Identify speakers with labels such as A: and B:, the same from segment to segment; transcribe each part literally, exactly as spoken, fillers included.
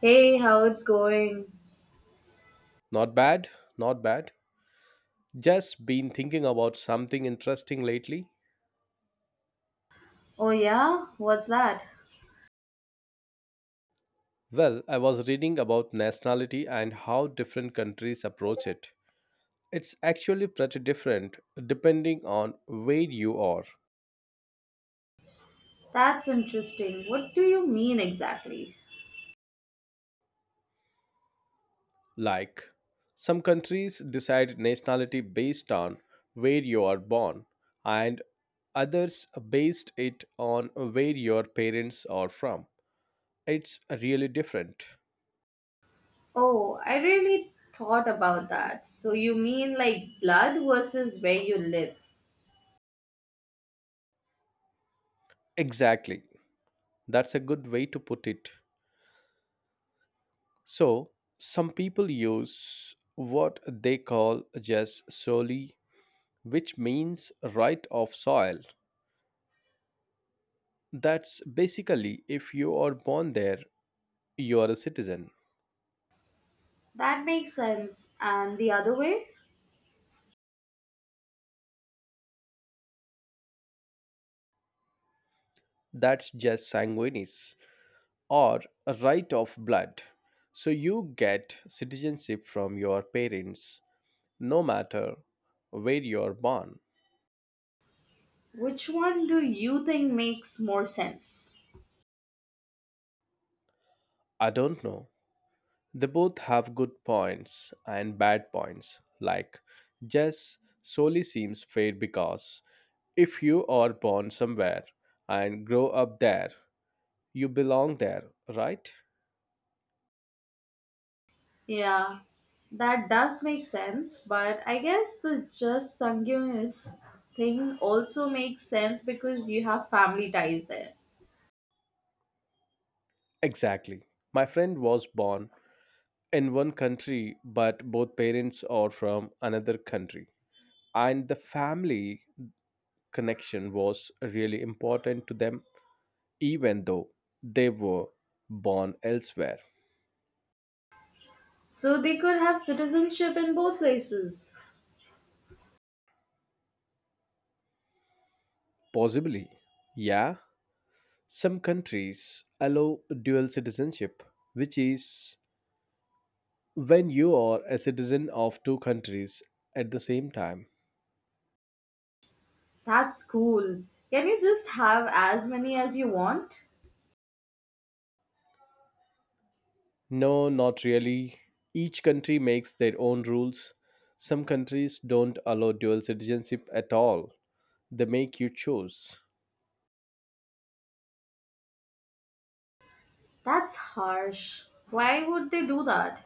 A: Hey, how it's going?
B: Not bad, not bad. Just been thinking about something interesting lately.
A: Oh, yeah? What's that?
B: Well, I was reading about nationality and how different countries approach it. It's actually pretty different depending on where you are.
A: That's interesting. What do you mean exactly?
B: Like, some countries decide nationality based on where you are born, and others based it on where your parents are from. It's really different.
A: Oh, I really thought about that. So, you mean like blood versus where you live?
B: Exactly. That's a good way to put it. So, some people use what they call just soli, which means right of soil. That's basically if you are born there, you are a citizen.
A: That makes sense. And the other way?
B: That's just sanguinis or a right of blood. So, you get citizenship from your parents no matter where you are born.
A: Which one do you think makes more sense?
B: I don't know. They both have good points and bad points. Like, Jess solely seems fair because if you are born somewhere and grow up there, you belong there, right?
A: Yeah, that does make sense, but I guess the just sanguineous thing also makes sense because you have family ties there.
B: Exactly. My friend was born in one country, but both parents are from another country. And the family connection was really important to them, even though they were born elsewhere.
A: So they could have citizenship in both places.
B: Possibly, yeah. Some countries allow dual citizenship, which is when you are a citizen of two countries at the same time.
A: That's cool. Can you just have as many as you want?
B: No, not really. Each country makes their own rules. Some countries don't allow dual citizenship at all, they make you choose.
A: That's harsh. Why would they do that?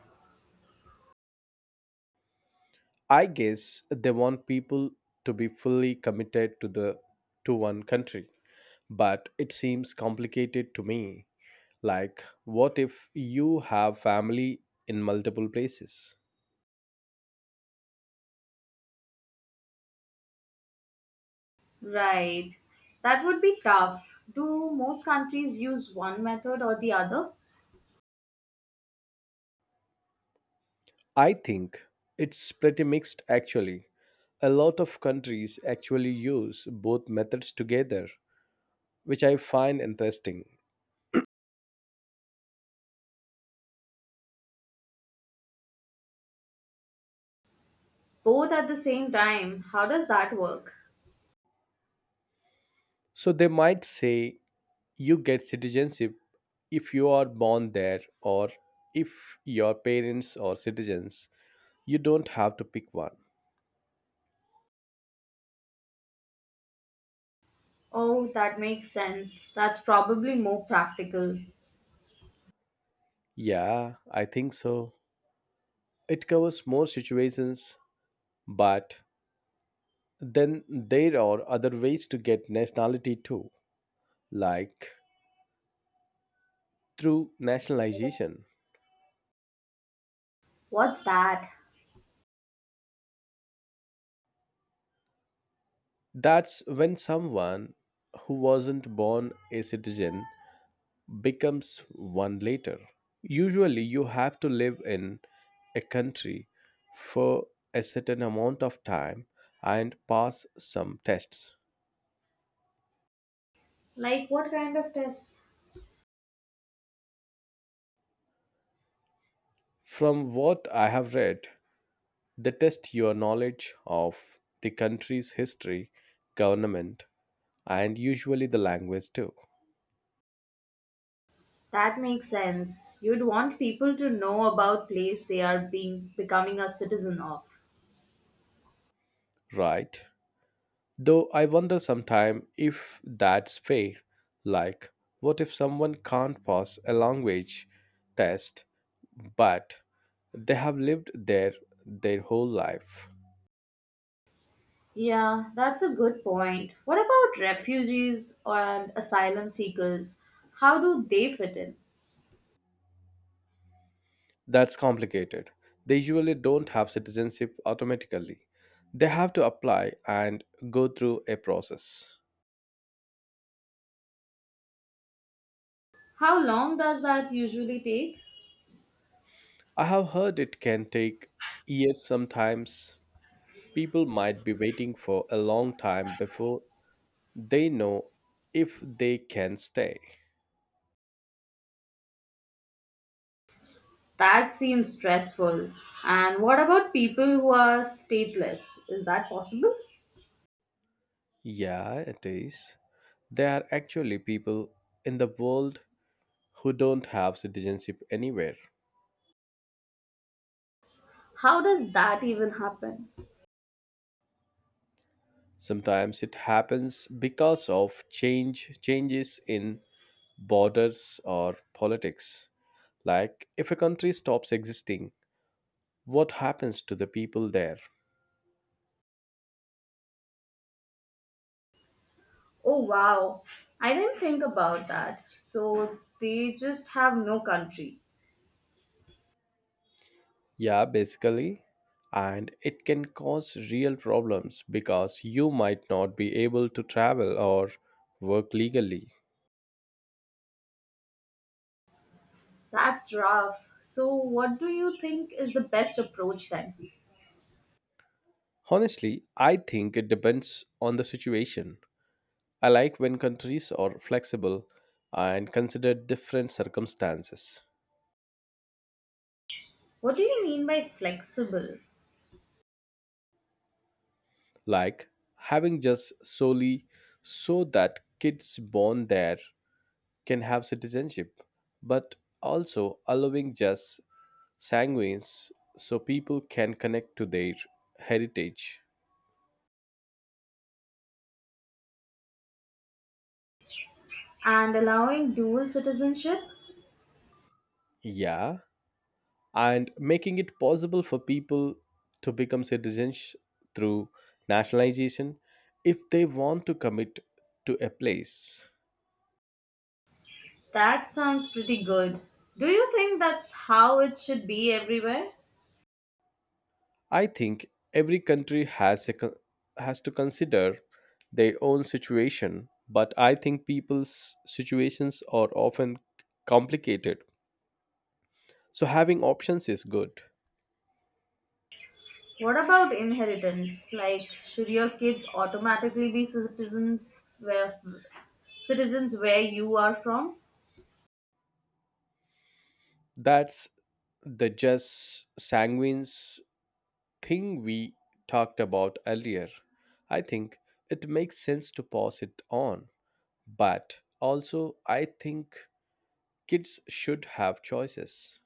B: I guess they want people to be fully committed to the to one country, but it seems complicated to me. Like, what if you have family in multiple places?
A: Right. That would be tough. Do most countries use one method or the other?
B: I think it's pretty mixed actually. A lot of countries actually use both methods together, which I find interesting.
A: Both at the same time. How does that work?
B: So they might say you get citizenship if you are born there or if your parents are citizens. You don't have to pick one.
A: Oh, that makes sense. That's probably more practical.
B: Yeah, I think so. It covers more situations, but then there are other ways to get nationality too, like through nationalization.
A: What's that?
B: That's when someone who wasn't born a citizen becomes one later. Usually, you have to live in a country for a certain amount of time and pass some tests.
A: Like, what kind of test?
B: From what I have read, they test your knowledge of the country's history, government, and usually the language too,
A: That makes sense. You'd want people to know about place they are being becoming a citizen of.
B: right? Though I wonder sometimes if that's fair. Like, what if someone can't pass a language test but they have lived there their whole life?
A: Yeah, that's a good point. What about refugees and asylum seekers? How do they fit in?
B: That's complicated. They usually don't have citizenship automatically. They have to apply and go through a process.
A: How long does that usually take?
B: I have heard it can take years sometimes. People might be waiting for a long time before they know if they can stay.
A: That seems stressful. And what about people who are stateless? Is that possible?
B: Yeah, it is. There are actually people in the world who don't have citizenship anywhere.
A: How does that even happen?
B: Sometimes it happens because of change changes in borders or politics. Like if a country stops existing, what happens to the people there?
A: Oh wow, I didn't think about that. So they just have no country.
B: Yeah, basically. And it can cause real problems because you might not be able to travel or work legally.
A: That's rough. So, what do you think is the best approach then?
B: Honestly, I think it depends on the situation. I like when countries are flexible and consider different circumstances,
A: What do you mean by flexible
B: like having just solely so that kids born there can have citizenship, but also allowing just sanguines so people can connect to their heritage.
A: and allowing dual citizenship?
B: Yeah, and making it possible for people to become citizens through nationalization if they want to commit to a place.
A: That sounds pretty good. Do you think that's how it should be everywhere?
B: I think every country has a, con- has to consider their own situation, but I think people's situations are often complicated. So having options is good.
A: What about inheritance? Like, should your kids automatically be citizens where citizens where you are from?
B: That's the just sanguines thing we talked about earlier. I think it makes sense to pass it on, but also I think kids should have choices.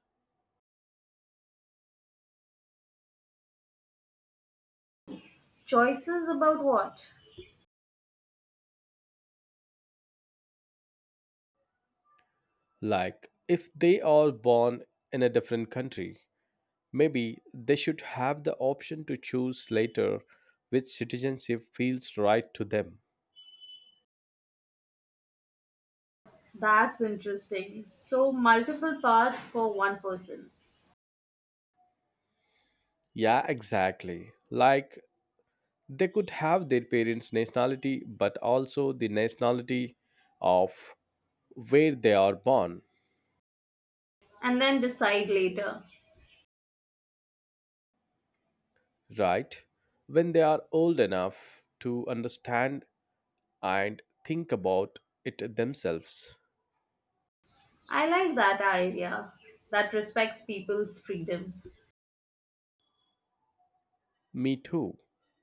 A: Choices about what?
B: Like, if they are born in a different country, maybe they should have the option to choose later which citizenship feels right to them.
A: That's interesting. So, multiple paths for one person
B: Yeah, exactly. Like, they could have their parents' nationality, but also the nationality of where they are born,
A: and then decide later.
B: right? When they are old enough to understand and think about it themselves.
A: I like that idea that respects people's freedom.
B: Me too.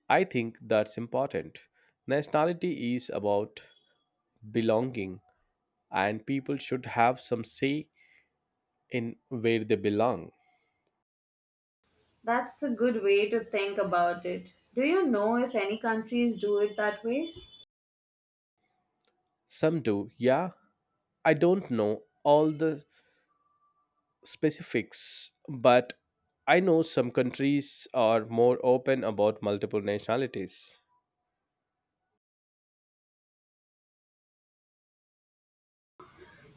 B: I think that's important. Nationality is about belonging, and people should have some say in where they belong.
A: That's a good way to think about it. Do you know if any countries do it that way?
B: Some do, yeah. I don't know all the specifics, but I know some countries are more open about multiple nationalities.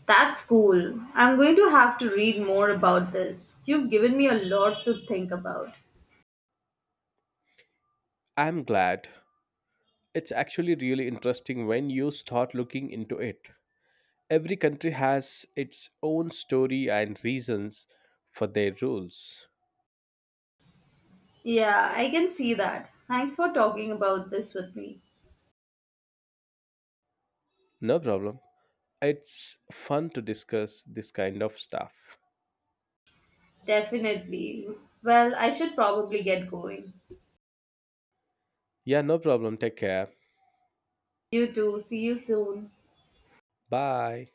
A: That's cool. I'm going to have to read more about this. You've given me a lot to think about.
B: I'm glad. It's actually really interesting when you start looking into it. Every country has its own story and reasons for their rules.
A: Yeah, I can see that. Thanks for talking about this with me.
B: No problem. It's fun to discuss this kind of stuff.
A: Definitely. Well, I should probably get going.
B: Yeah, no problem. Take care.
A: You too. See you soon.
B: Bye.